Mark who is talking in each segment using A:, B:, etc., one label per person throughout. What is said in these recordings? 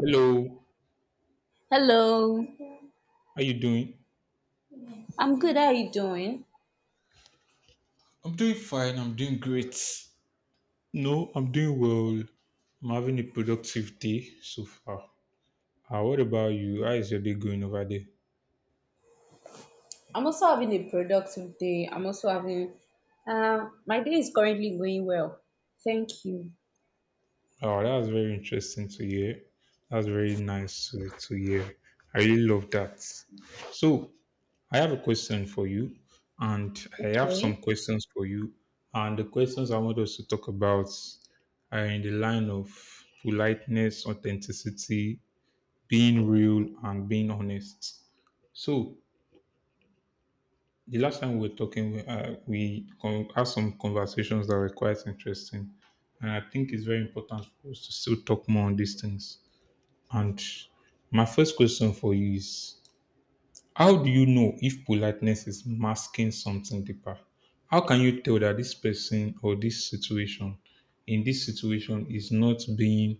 A: Hello,
B: Hello,
A: how you doing?
B: I'm good. How are you doing?
A: I'm doing fine. I'm doing great. No, I'm doing well. I'm having a productive day so far. What about you? How is your day going over there?
B: I'm also having a productive day. I'm also having, my day is currently going well. Thank you.
A: Oh, that's very interesting to hear. That's very nice to hear. I really love that. So, I have a question for you, and I have some
B: Okay.
A: questions for you. And the questions I want us to talk about are in the line of politeness, authenticity, being real and being honest. So the last time we were talking, we had some conversations that were quite interesting, and I think it's very important for us to still talk more on these things. And my first question for you is: how do you know if politeness is masking something deeper? How can you tell that this person or this situation, in this situation, is not being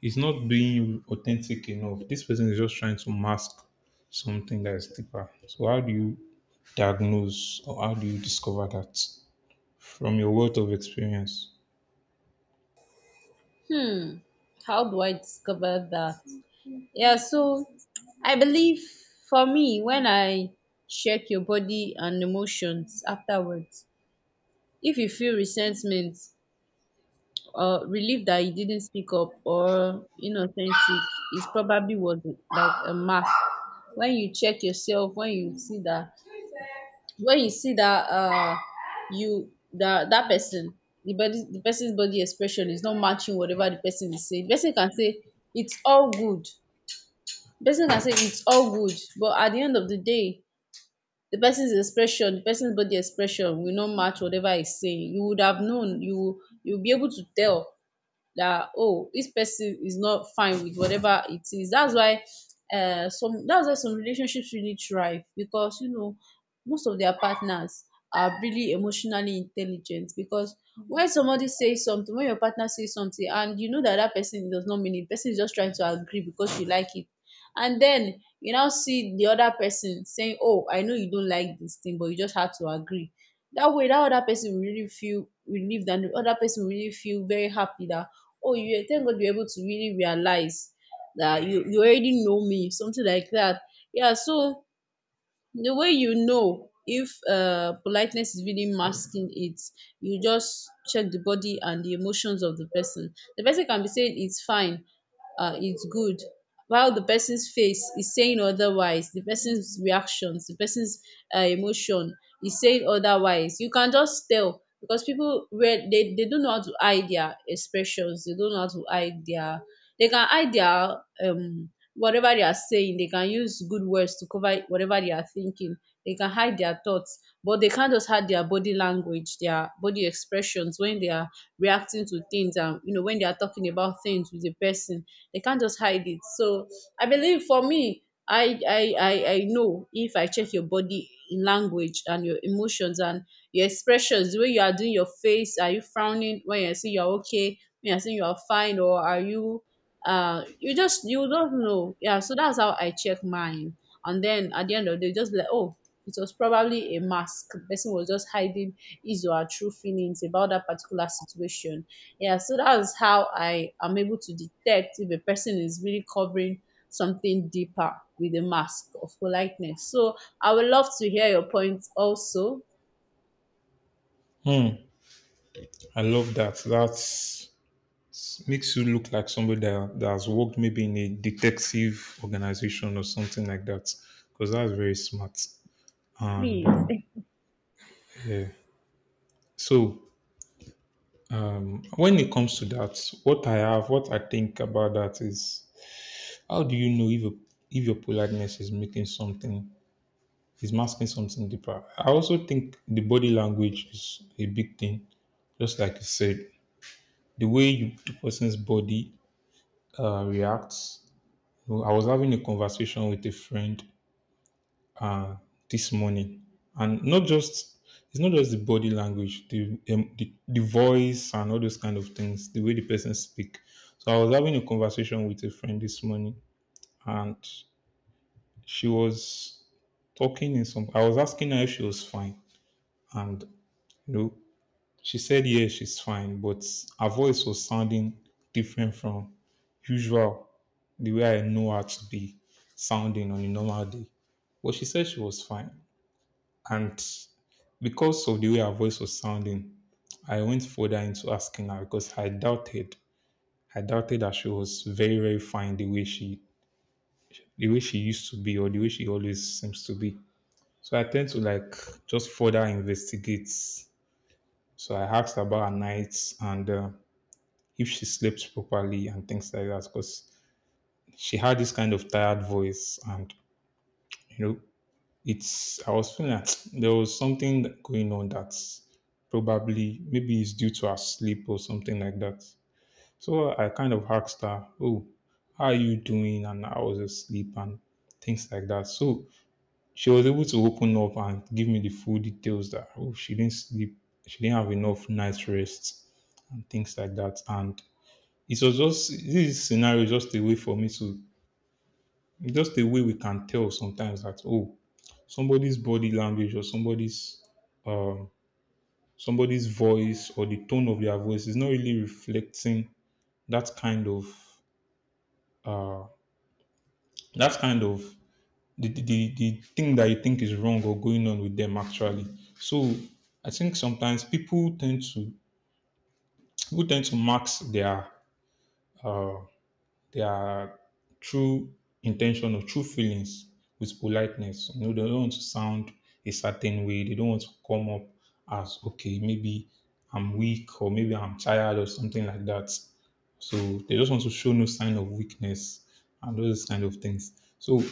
A: It's not being authentic enough. This person is just trying to mask something that is deeper. So how do you diagnose, or how do you discover that from your wealth of experience?
B: Hmm, how do I discover that? Yeah, so I believe for me, when I check your body and emotions afterwards, if you feel resentment, relief that he didn't speak up or inauthentic, it probably was like a mask. When you check yourself, when you see that when you see that uh you that that person, the body the person's body expression is not matching whatever the person is saying. The person can say it's all good, the person can say it's all good, but at the end of the day, the person's expression, the person's body expression will not match whatever he's saying. You would have known you You will be able to tell that, oh, this person is not fine with whatever it is. That's why some that's why some relationships really thrive, because you know, most of their partners are really emotionally intelligent. Because when somebody says something, when your partner says something, and you know that that person does not mean it, person is just trying to agree because you like it, and then you now see the other person saying, oh, I know you don't like this thing, but you just have to agree. That way, that other person will really feel relieved, and the other person will really feel very happy that, oh, you, thank God you're able to really realize that, you already know me, something like that. Yeah, so the way you know if politeness is really masking it, you just check the body and the emotions of the person. The person can be saying it's fine, it's good, while the person's face is saying otherwise, the person's reactions, the person's emotion is saying otherwise. You can just tell because people, where they don't know how to hide their expressions, they don't know how to hide their, they can hide their whatever they are saying, they can use good words to cover whatever they are thinking, they can hide their thoughts, but they can't just hide their body language, their body expressions when they are reacting to things, and you know, when they are talking about things with a person, they can't just hide it. So I believe for me, I know if I check your body language and your emotions and your expressions, the way you are doing your face. Are you frowning when you're saying you're okay, when you're saying you're fine, or are you you just you don't know? Yeah, so that's how I check mine, and then at the end of the day just be like, oh, it was probably a mask. The person was just hiding his or her true feelings about that particular situation. Yeah, so that's how I am able to detect if a person is really covering something deeper with a mask of politeness. So I would love to hear your points also,
A: Hmm. I love that. That's makes you look like somebody that has worked maybe in a detective organization or something like that, because that's very smart and
B: please.
A: yeah. So when it comes to that, what I think about that is: how do you know if your politeness is masking something deeper? I also think the body language is a big thing. Just like you said, the person's body reacts. You know, I was having a conversation with a friend this morning, and not just it's not just the body language, the voice and all those kind of things, the way the person speak. So I was having a conversation with a friend this morning, and she was talking in some I was asking her if she was fine, and, you know, she said yeah, she's fine, but her voice was sounding different from usual, the way I know her to be sounding on a normal day. But she said she was fine, and because of the way her voice was sounding, I went further into asking her because I doubted that she was very, very fine, the way she used to be, or the way she always seems to be. So I tend to like just further investigate. So I asked about her nights and, if she sleeps properly and things like that, because she had this kind of tired voice, and, you know, it's I was feeling that there was something going on, that's probably, maybe it's due to her sleep or something like that. So I kind of asked her, "Oh, how are you doing?" and I was asleep and things like that. So she was able to open up and give me the full details, that oh, she didn't sleep, she didn't have enough night rest and things like that. And it was just this scenario is just a way for me to, just a way we can tell sometimes, that oh, somebody's body language or um somebody's voice or the tone of their voice is not really reflecting that kind of that kind of the thing that you think is wrong or going on with them actually. So I think sometimes people tend to mask uh, their true intention or true feelings with politeness. You know, they don't want to sound a certain way. They don't want to come up as, okay, maybe I'm weak or maybe I'm tired or something like that. So they just want to show no sign of weakness and those kind of things. So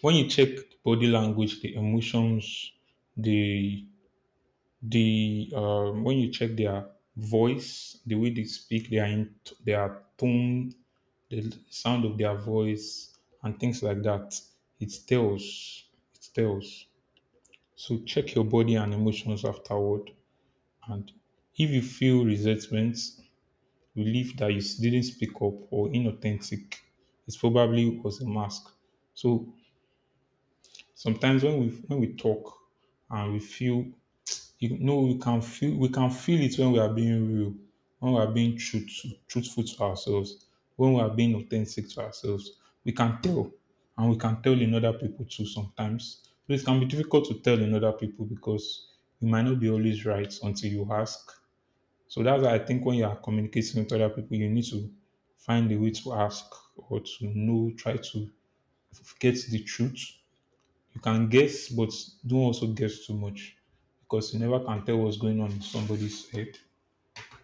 A: when you check the body language, the emotions, the the when you check their voice, their tone, the sound of their voice, and things like that, it tells. It tells. So check your body and emotions afterward. And if you feel resentment, relief that you didn't speak up, or inauthentic, it probably was a mask. So sometimes when we talk and we feel you know, we can feel, we can feel it when we are being real, when we are being truthful to ourselves, when we are being authentic to ourselves. We can tell, and we can tell in other people too sometimes. So it can be difficult to tell in other people because you might not be always right until you ask. So that's why I think when you are communicating with other people, you need to find a way to ask, or to know, try to get the truth. You can guess, but don't also guess too much, because you never can tell what's going on in somebody's head.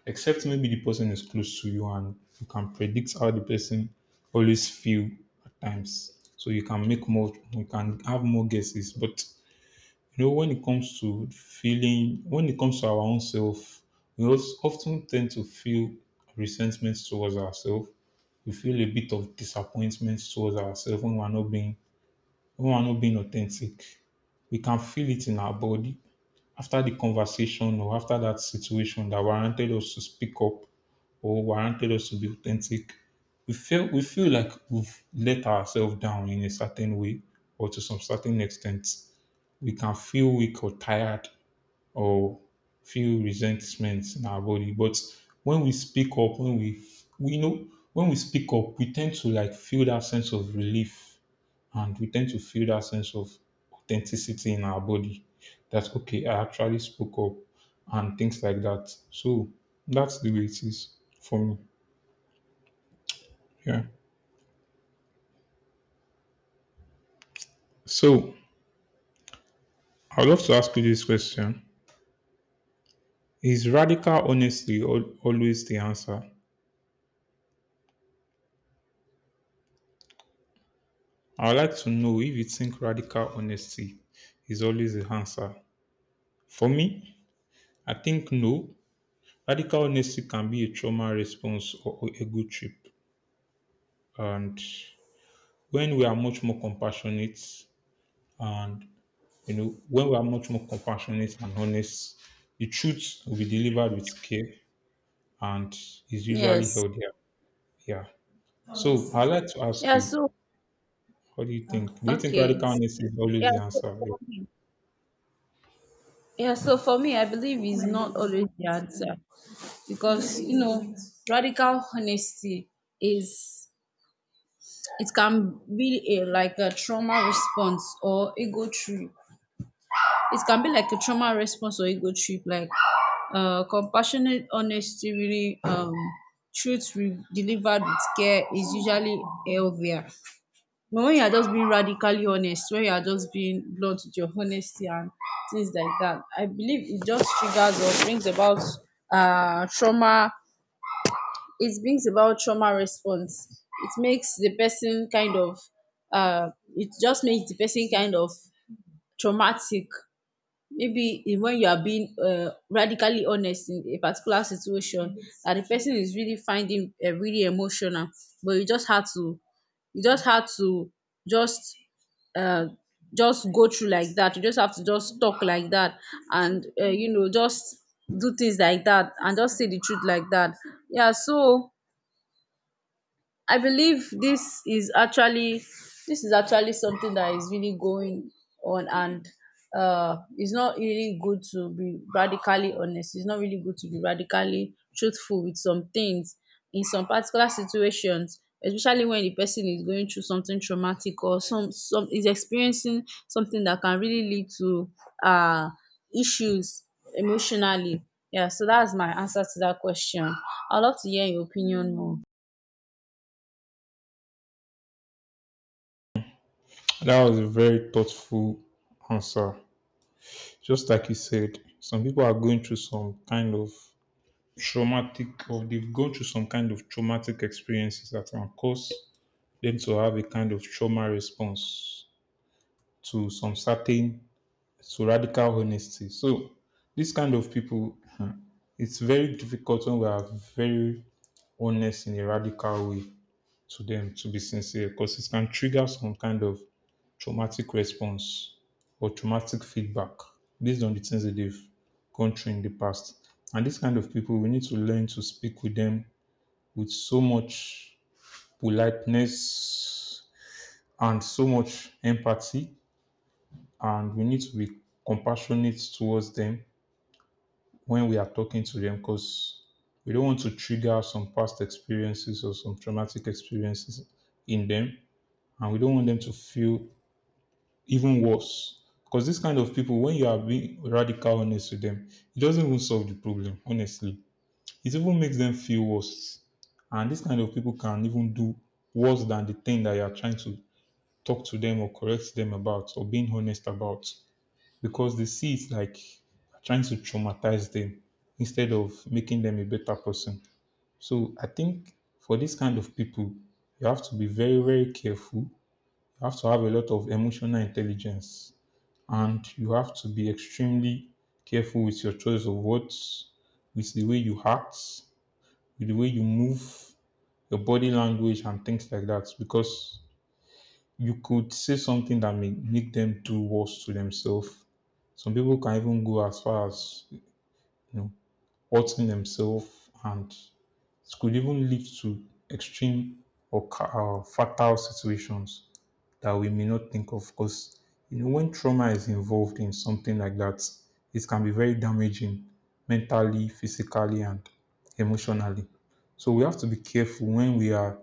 A: Except maybe the person is close to you and you can predict how the person always feel at times. So you can make more, you can have more guesses. But you know, when it comes to feeling, when it comes to our own self, we also often tend to feel resentment towards ourselves. We feel a bit of disappointment towards ourselves when we are not being, when we are not being authentic. We can feel it in our body after the conversation or after that situation that warranted us to speak up or warranted us to be authentic. We feel like we've let ourselves down in a certain way or to some certain extent. We can feel weak or tired, or feel resentment in our body. But when we speak up, when we know, when we speak up, we tend to like feel that sense of relief, and we tend to feel that sense of authenticity in our body, that okay, I actually spoke up and things like that. So that's the way it is for me. Yeah. So I'd love to ask you this question: is radical honesty always the answer? I'd like to know if you think radical honesty is always the answer. For me, I think no. Radical honesty can be a trauma response or a good trip. And when we are much more compassionate, and, you know, when we are much more compassionate and honest, the truth will be delivered with care and is usually
B: Yes.
A: healthier. Yeah. So I'd like to ask
B: yeah
A: you,
B: so
A: what do you think? Do you think
B: Okay.
A: radical honesty is always
B: yeah
A: the
B: so,
A: answer? Yeah.
B: okay. Yeah, so for me, I believe is not always the answer, because you know, radical honesty is, it can be a like a trauma response or ego trip. It can be like a trauma response or ego trip. Like compassionate honesty, really delivered with care is usually healthier. But when you are just being radically honest, when you are just being blunt with your honesty and things like that, I believe it just triggers or brings about trauma, it brings about trauma response. It makes the person kind of it just makes the person kind of traumatic. Maybe in when you are being radically honest in a particular situation that the person is really finding really emotional, but you just had to, you just had to just uh, just go through like that, you just have to just talk like that, and you know, just do things like that and just say the truth like that. Yeah so I believe this is actually, this is actually something that is really going on. And it's not really good to be radically honest. It's not really good to be radically truthful with some things in some particular situations, especially when the person is going through something traumatic or some is experiencing something that can really lead to uh issues emotionally. Yeah, so that's my answer to that question. I'd love to hear your opinion more.
A: That was a very thoughtful answer. Just like you said, some people are going through some kind of traumatic, or they've gone through some kind of traumatic experiences that can cause them to have a kind of trauma response to some certain so, radical honesty. So this kind of people, hmm, it's very difficult when we are very honest in a radical way to them, to be sincere, because it can trigger some kind of traumatic response or traumatic feedback based on the things that they've gone through in the past. And this kind of people, we need to learn to speak with them with so much politeness and so much empathy, and we need to be compassionate towards them when we are talking to them, because we don't want to trigger some past experiences or some traumatic experiences in them, and we don't want them to feel even worse, because this kind of people, when you are being radical honest with them, it doesn't even solve the problem, honestly. It even makes them feel worse, and this kind of people can even do worse than the thing that you are trying to talk to them, or correct them about, or being honest about, because they see it like trying to traumatize them instead of making them a better person. So I think for this kind of people, you have to be very, very careful. You have to have a lot of emotional intelligence, and you have to be extremely careful with your choice of words, with the way you act, with the way you move, your body language, and things like that. Because you could say something that may make them do worse to themselves. Some people can even go as far as, you know, hurting themselves, and it could even lead to extreme or, fatal situations that we may not think of. Because, you know, when trauma is involved in something like that, it can be very damaging mentally, physically, and emotionally. So we have to be careful when we are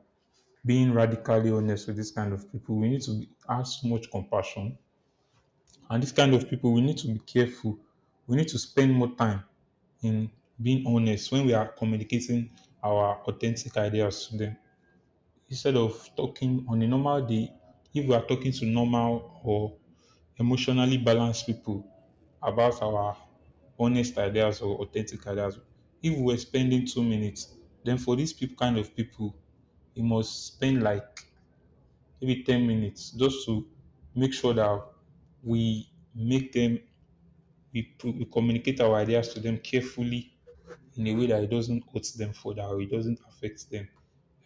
A: being radically honest with this kind of people. We need to be, have so much compassion, and this kind of people, we need to be careful. We need to spend more time in being honest when we are communicating our authentic ideas to them. Instead of talking on a normal day, if we are talking to normal or emotionally balanced people about our honest ideas or authentic ideas, if we're spending 2 minutes, then for these people kind of people, we must spend like maybe 10 minutes just to make sure that we make them we communicate our ideas to them carefully in a way that it doesn't hurt them further or it doesn't affect them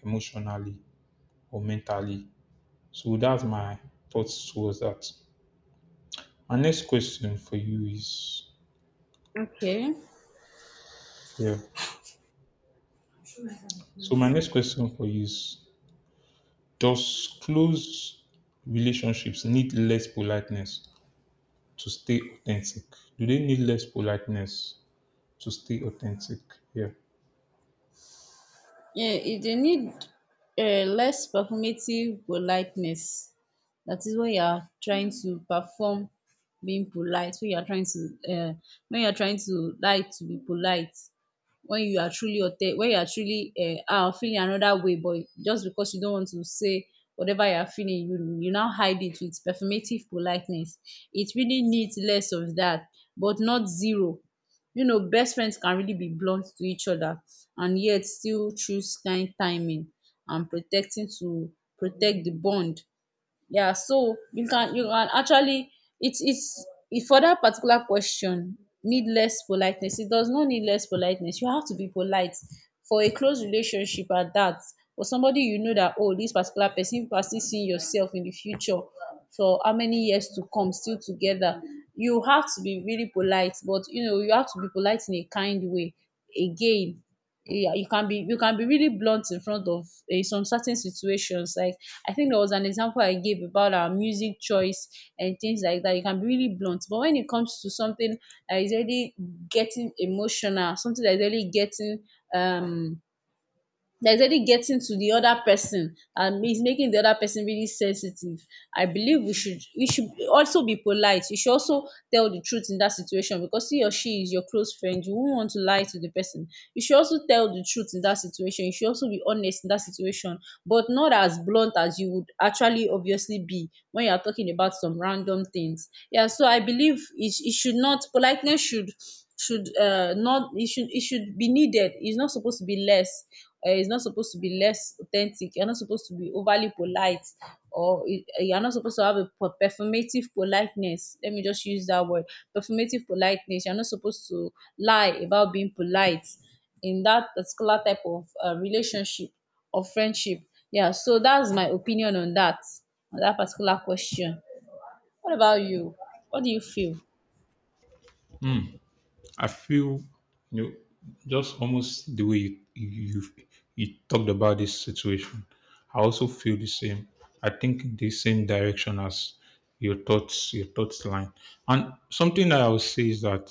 A: emotionally or mentally. So that's my thoughts towards that. My next question for you is
B: Okay.
A: yeah. So my next question for you is, does close relationships need less politeness to stay authentic? Do they need less politeness to stay authentic? Yeah.
B: Um, e dey need less performative politeness. That is when you are trying to perform being polite, when you are trying to um when you are trying to like to be polite when you are when you are truly feeling another way, but just because you don't want to say whatever you are feeling, you now hide it with performative politeness. It really needs less of that, but not zero. You know, best friends can really be blunt to each other and yet still choose kind timing and protect the bond. Yeah, so you can, you can actually, it's if for that particular question, need less politeness, it does not need less politeness. You have to be polite for a close relationship at that. For somebody you know that, oh, this particular person, you are still seeing yourself in the future for how many years to come still together. You have to be really polite, but you know, you have to be polite in a kind way again. Yeah, you can be, you can be really blunt in front of some certain situations. Like, I think there was an example I gave about our music choice and things like that. You can be really blunt, but when it comes to something that is really getting emotional, something that is really getting um there's already getting to the other person and it's making the other person really sensitive, I believe we should, also be polite. You should also tell the truth in that situation, because he or she is your close friend. You won't want to lie to the person. You should also tell the truth in that situation. You should also be honest in that situation, but not as blunt as you would actually obviously be when you are talking about some random things. Yeah, so I believe it should not, politeness should not it should, it should be needed. It's not supposed to be less, it's not supposed to be less authentic. You're not supposed to be overly polite, or you're not supposed to have a performative politeness. Let me just use that word, performative politeness. You're not supposed to lie about being polite in that particular type of relationship or friendship. Yeah, so that's my opinion on that particular question. What about you? What do you feel?
A: I feel, you know, just almost the way you talked about this situation. I also feel the same. I think the same direction as your thoughts line. And something that I would say is that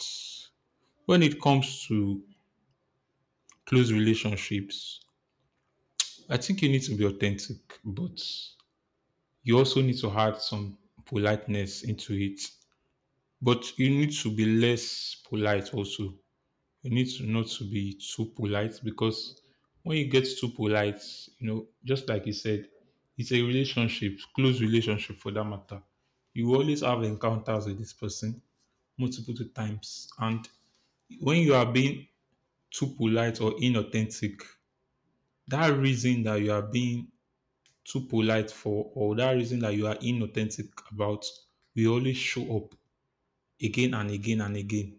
A: when it comes to close relationships, I think you need to be authentic, but you also need to add some politeness into it. But you need to be less polite also, you need to not to be too polite, because when you get too polite, you know, just like you said, it's a relationship, close relationship for that matter. You always have encounters with this person multiple two times. And when you are being too polite or inauthentic, that reason that you are being too polite for, or that reason that you are inauthentic about, will always show up again and again and again.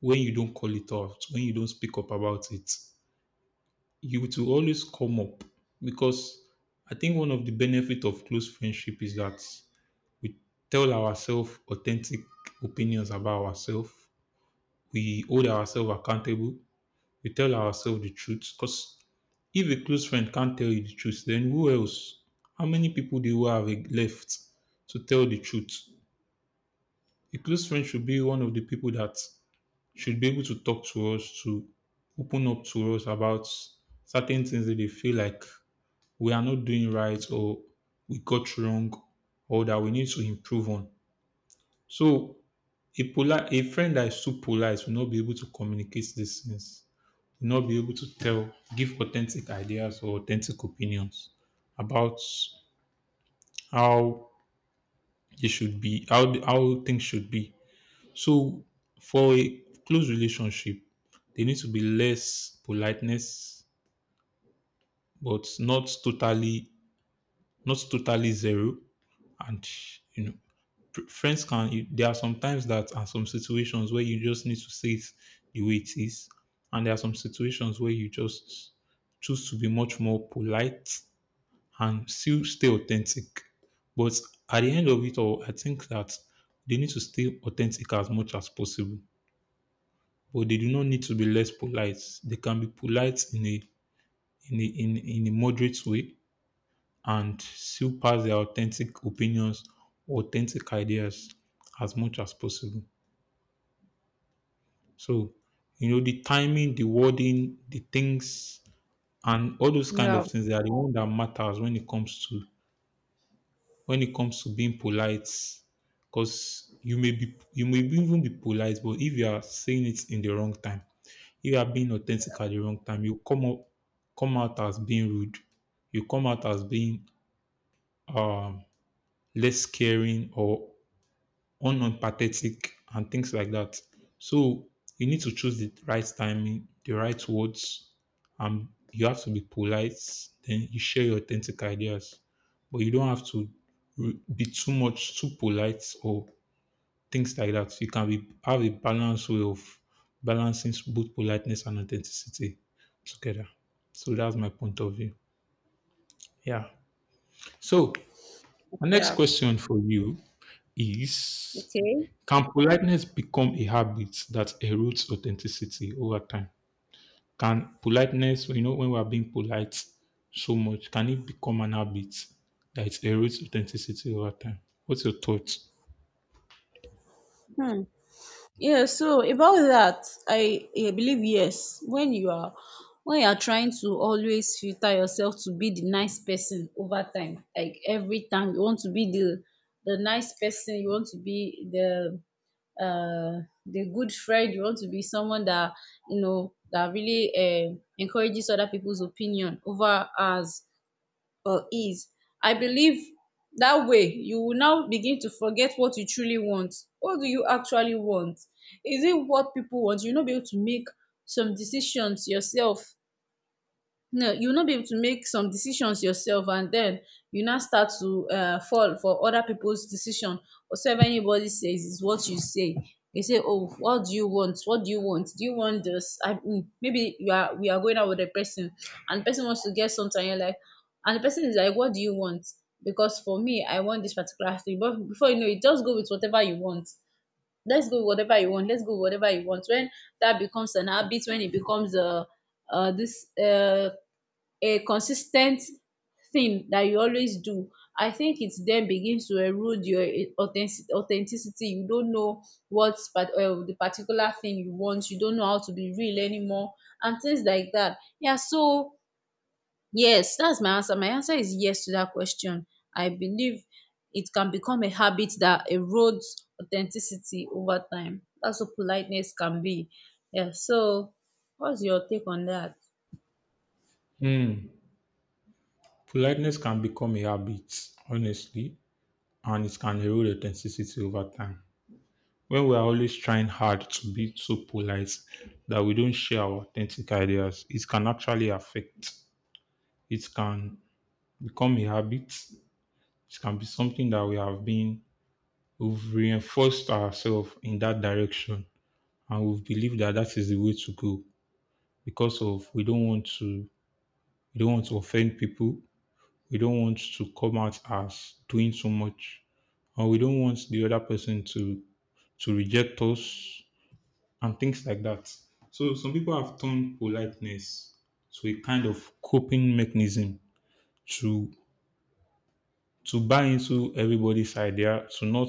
A: When you don't call it out, when you don't speak up about it, you to always come up, because I think one of the benefit of close friendship is that we tell ourselves authentic opinions about ourselves. We hold ourselves accountable. We tell ourselves the truth. Because if a close friend can't tell you the truth, then who else? How many people do you have left to tell the truth? A close friend should be one of the people that should be able to talk to us, to open up to us about certain things that they feel like we are not doing right, or we got wrong, or that we need to improve on. So a friend that is too polite will not be able to communicate these things, will not be able to tell, give authentic ideas or authentic opinions about how they should be, how things should be. So for a close relationship, they need to be less politeness, but not totally, not totally zero. And you know, friends can. There are some times that, and some situations where you just need to say it the way it is, and there are some situations where you just choose to be much more polite and still stay authentic. But at the end of it all, I think that they need to stay authentic as much as possible. But they do not need to be less polite. They can be polite in a in a moderate way and seal past their authentic opinions, authentic ideas as much as possible. So, you know, the timing, the wording, the things, and all those kind
B: Yeah.
A: of things, they are the one that matters when it comes to, when it comes to being polite. Because you may even be polite, but if you are saying it in the wrong time, if you are being authentic at the wrong time, you come up, come out as being rude. You come out as being um less caring or unempathetic and things like that. So you need to choose the right timing, the right words, and you have to be polite, then you share your authentic ideas, but you don't have to be too much too polite or things like that. You can be, have a balanced way of balancing both politeness and authenticity together. So that's my point of view. Yeah. So my next
B: Yeah.
A: question for you is,
B: Okay.
A: can politeness become a habit that erodes authenticity over time? Can politeness, you know, when we are being polite so much, can it become an habit that it erodes authenticity over time? What's your thoughts?
B: Hmm. Yeah, so about that, I believe yes. When you are, when you are trying to always filter yourself to be the nice person over time, like every time you want to be the nice person, you want to be the good friend, you want to be someone that, you know, that really encourages other people's opinion over us or ease. I believe that way you will now begin to forget what you truly want. What do you actually want? Is it what people want? You'll not be able to make some decisions yourself. No, you will not be able to make some decisions yourself, and then you now start to fall for other peoples decision. Whatever anybody says is what you say. They say, oh, what do you want? What do you want? Do you want this? Maybe you are we are going out with a person, and the person wants to get something. You're like, and the person is like, what do you want? Because for me, I want this particular thing, but before you know it, just go with whatever you want. Let's go with whatever you want, let's go with whatever you want. When that becomes an habit, when it becomes this a consistent thing that you always do, I think it then begins to erode your authenticity. You don't know what's part, the particular thing you want. You don't know how to be real anymore and things like that. Yeah, so yes, that's my answer. My answer is yes to that question. I believe it can become a habit that erodes authenticity over time. That's what politeness can be. Yeah, so what's your take on that?
A: Hmm. Politeness can become a habit, honestly, and it can erode authenticity over time. When we are always trying hard to be so polite that we don't share our authentic ideas, it can actually affect. It can become a habit. It can be something that we have been, we've reinforced ourselves in that direction, and we've believed that that is the way to go because of we don't want to, we don't want to offend people. We don't want to come out as doing too much, or we don't want the other person to reject us and things like that. So some people have turned politeness to a kind of coping mechanism to to buy into everybody's idea, to not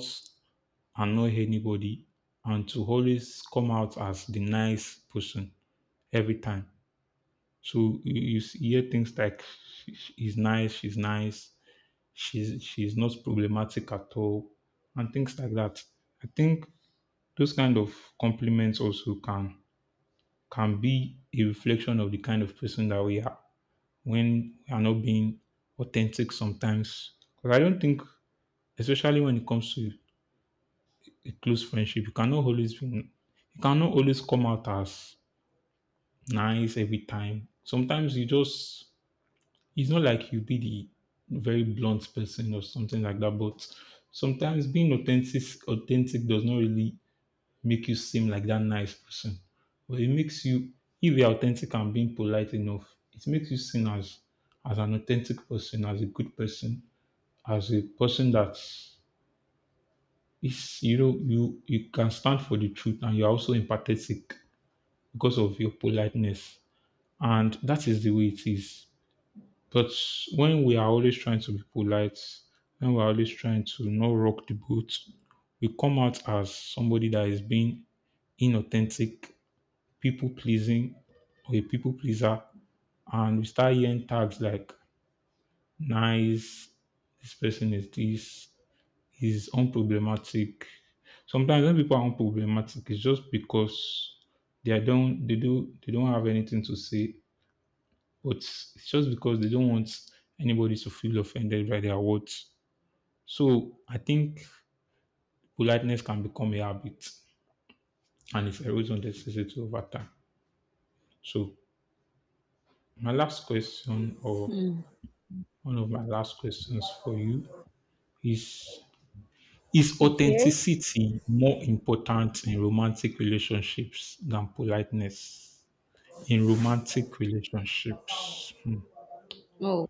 A: annoy anybody, and to always come out as the nice person every time. So you hear things like, "Sh- he's nice, she's nice, she's not problematic at all," and things like that. I think those kind of compliments also can be a reflection of the kind of person that we are when we are not being authentic sometimes. Because I don't think, especially when it comes to a close friendship, you cannot always be, you cannot always come out as nice every time. Sometimes you just, it's not like you be the very blunt person or something like that, but sometimes being authentic does not really make you seem like that nice person. But it makes you, if you're authentic and being polite enough, it makes you seen as an authentic person, as a good person, as a person that is, you know, you can stand for the truth, and you're also empathetic because of your politeness. And that is the way it is. But when we are always trying to be polite, when we're always trying to not rock the boat, we come out as somebody that is being inauthentic, people pleasing, or a people pleaser. And we start hearing tags like nice, this person is this, he's unproblematic. Sometimes when people are unproblematic, it's just because they don't have anything to say. But it's just because they don't want anybody to feel offended by their words. So I think politeness can become a habit, and it erodes on the necessity over time. So my last question, or
B: Hmm,
A: one of my last questions for you is is
B: okay.
A: authenticity more important in romantic relationships than politeness in romantic relationships? Hmm.
B: Oh,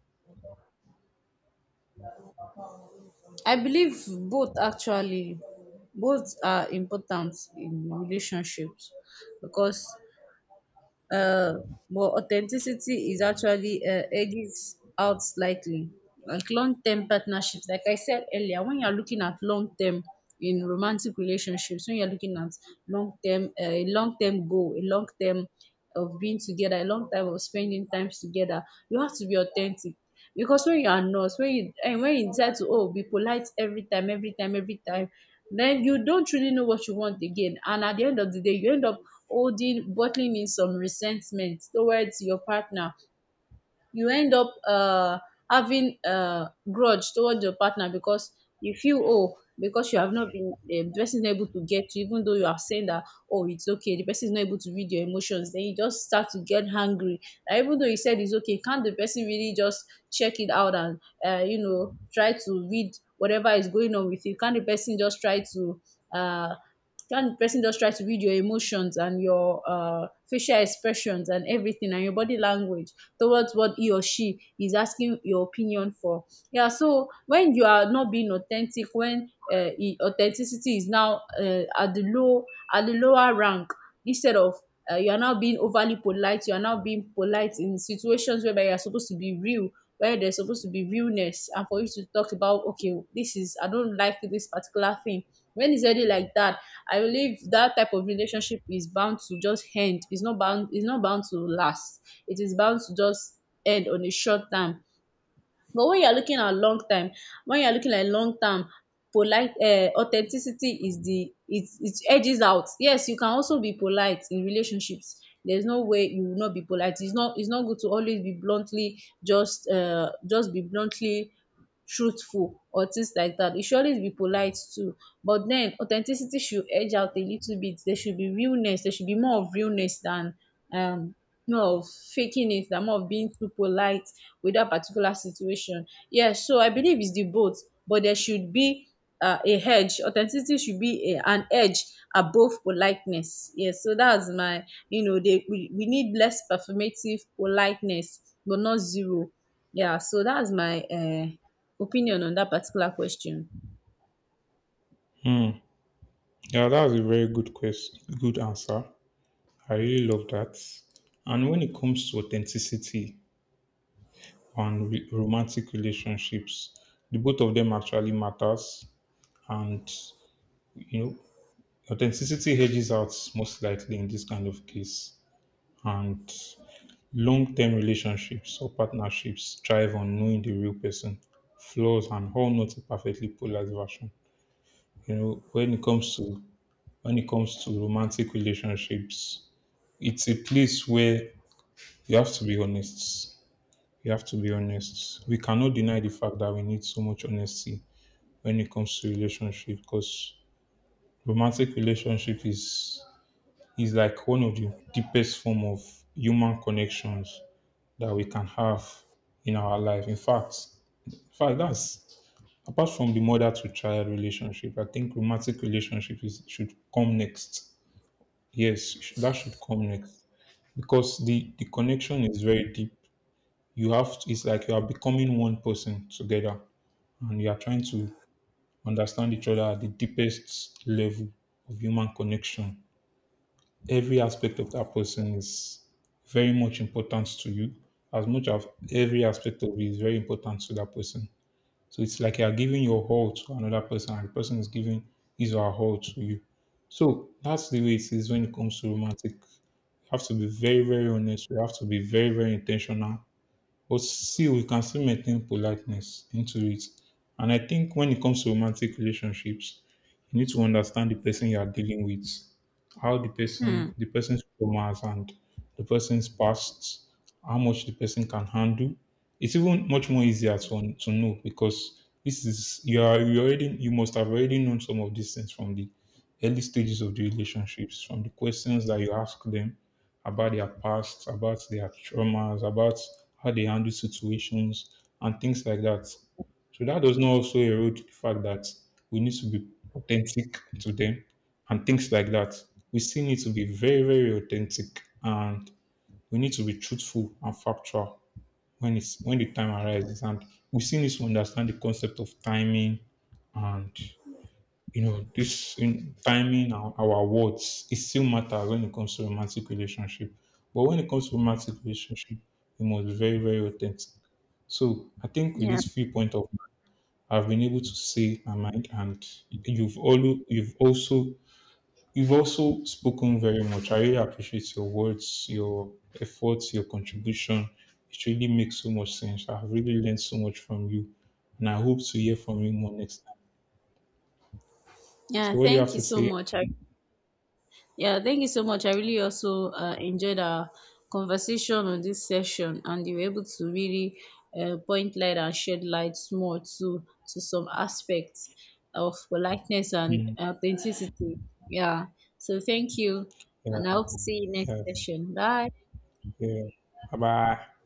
B: I believe both, actually. Both are important in relationships, because uh but authenticity is actually edges out slightly, like long term partnerships. Like I said earlier, when you are looking at long term in romantic relationships, when you are looking at long term, a long term goal, a long term of being together, a long time of spending times together, you have to be authentic. Because when you and when you decide to, oh, be polite every time, every time, every time, then you don't really know what you want again. And at the end of the day, you end up holding, bottling in some resentment towards your partner. You end up having grudge towards your partner, because you feel, oh, because you have not been the person is not able to get you, even though you have said that, oh, it's okay. The person is not able to read your emotions, then you just start to get angry. And even though you said it's okay, can't the person really just check it out and you know, try to read whatever is going on with you? Can't the person just try to uh? When the person just tries to read your emotions and your facial expressions and everything, and your body language towards what he or she is asking your opinion for. Yeah, so when you are not being authentic, when authenticity is now at the low, at the lower rank, instead of you are now being overly polite, you are now being polite in situations whereby you are supposed to be real, where there's supposed to be realness, and for you to talk about, okay, this is, I don't like this particular thing. When it's already like that, I believe that type of relationship is bound to just end. It's not bound. It's not bound to last. It is bound to just end on a short term. But when you are looking at long time, when you are looking at long term, polite authenticity is the, it edges out. Yes, you can also be polite in relationships. There's no way you will not be polite. It's not good to always be bluntly, just be bluntly truthful or things like that. You should always be polite too. But den authenticity should edge out a little bit. There should be realness. There should be more of realness than um more of faking it, than more of being too polite with that particular situation. Yes, so I believe it's the both, but there should be a hedge. Authenticity should be a, an edge above politeness. Yes, so that's my, you know, they, we need less performative politeness, but not zero. Yeah, so that's my opinion on that particular question.
A: Hmm. Yeah, that's a very good question. Good answer. I really love that. And when it comes to authenticity and re- romantic relationships, the both of them actually matters. And you know, authenticity hedges out most likely in this kind of case. And long-term relationships or partnerships thrive on knowing the real person, flaws, and how, not a perfectly polarized version. You know, when it comes to, when it comes to romantic relationships, it's a place where you have to be honest. You have to be honest. We cannot deny the fact that we need so much honesty when it comes to relationship, because romantic relationship is like one of the deepest form of human connections that we can have in our life. In fact, in fact, that's, apart from the mother to child relationship, I think romantic relationship is should come next. Yes, it should- that should come next because the connection is very deep. You have to, it's like you are becoming one person together, and you are trying to understand each other at the deepest level of human connection. Every aspect of that person is very much important to you, as much as every aspect of you is very important to that person. So it's like you are giving your whole to another person, and the person is giving his or her whole to you. So that's the way it is when it comes to romantic. You have to be very, very honest. You have to be very, very intentional, but still, we can still maintain politeness into it. And I think when it comes to romantic relationships, you need to understand the person you are dealing with, how the
B: Hmm.
A: person, the person's traumas, and the person's past, how much the person can handle. It's even much more easier to know, because this is, you are, you already, you must have already known some of these things from the early stages of the relationships, from the questions that you ask them about their past, about their traumas, about how they handle situations and things like that. So that does not also erode the fact that we need to be authentic to them and things like that. We still need to be very, very authentic, and we need to be truthful and factual when it's, when the time arises. And we still need to understand the concept of timing, and you know, this in timing our words, it still matters when it comes to romantic relationship. But when it comes to romantic relationship, we must be very, very authentic. So I think with
B: Yeah.
A: this few point of, I've been able to say my mind, and you've all you've also you've also spoken very much. I really appreciate your words, your efforts, your contribution. It really makes so much sense. I've really learned so much from you, and I hope to hear from you more next time.
B: Yeah.
A: So, what do you
B: Thank
A: have
B: you
A: to
B: so
A: say?
B: much. I, yeah, thank you so much. I really also enjoyed our conversation on this session, and you were able to really point light and shed light more to some aspects of politeness and
A: Mm.
B: authenticity. Yeah. So thank you,
A: Yeah,
B: and I hope to see you next
A: yes,
B: session. Bye.
A: yeah. Bye bye.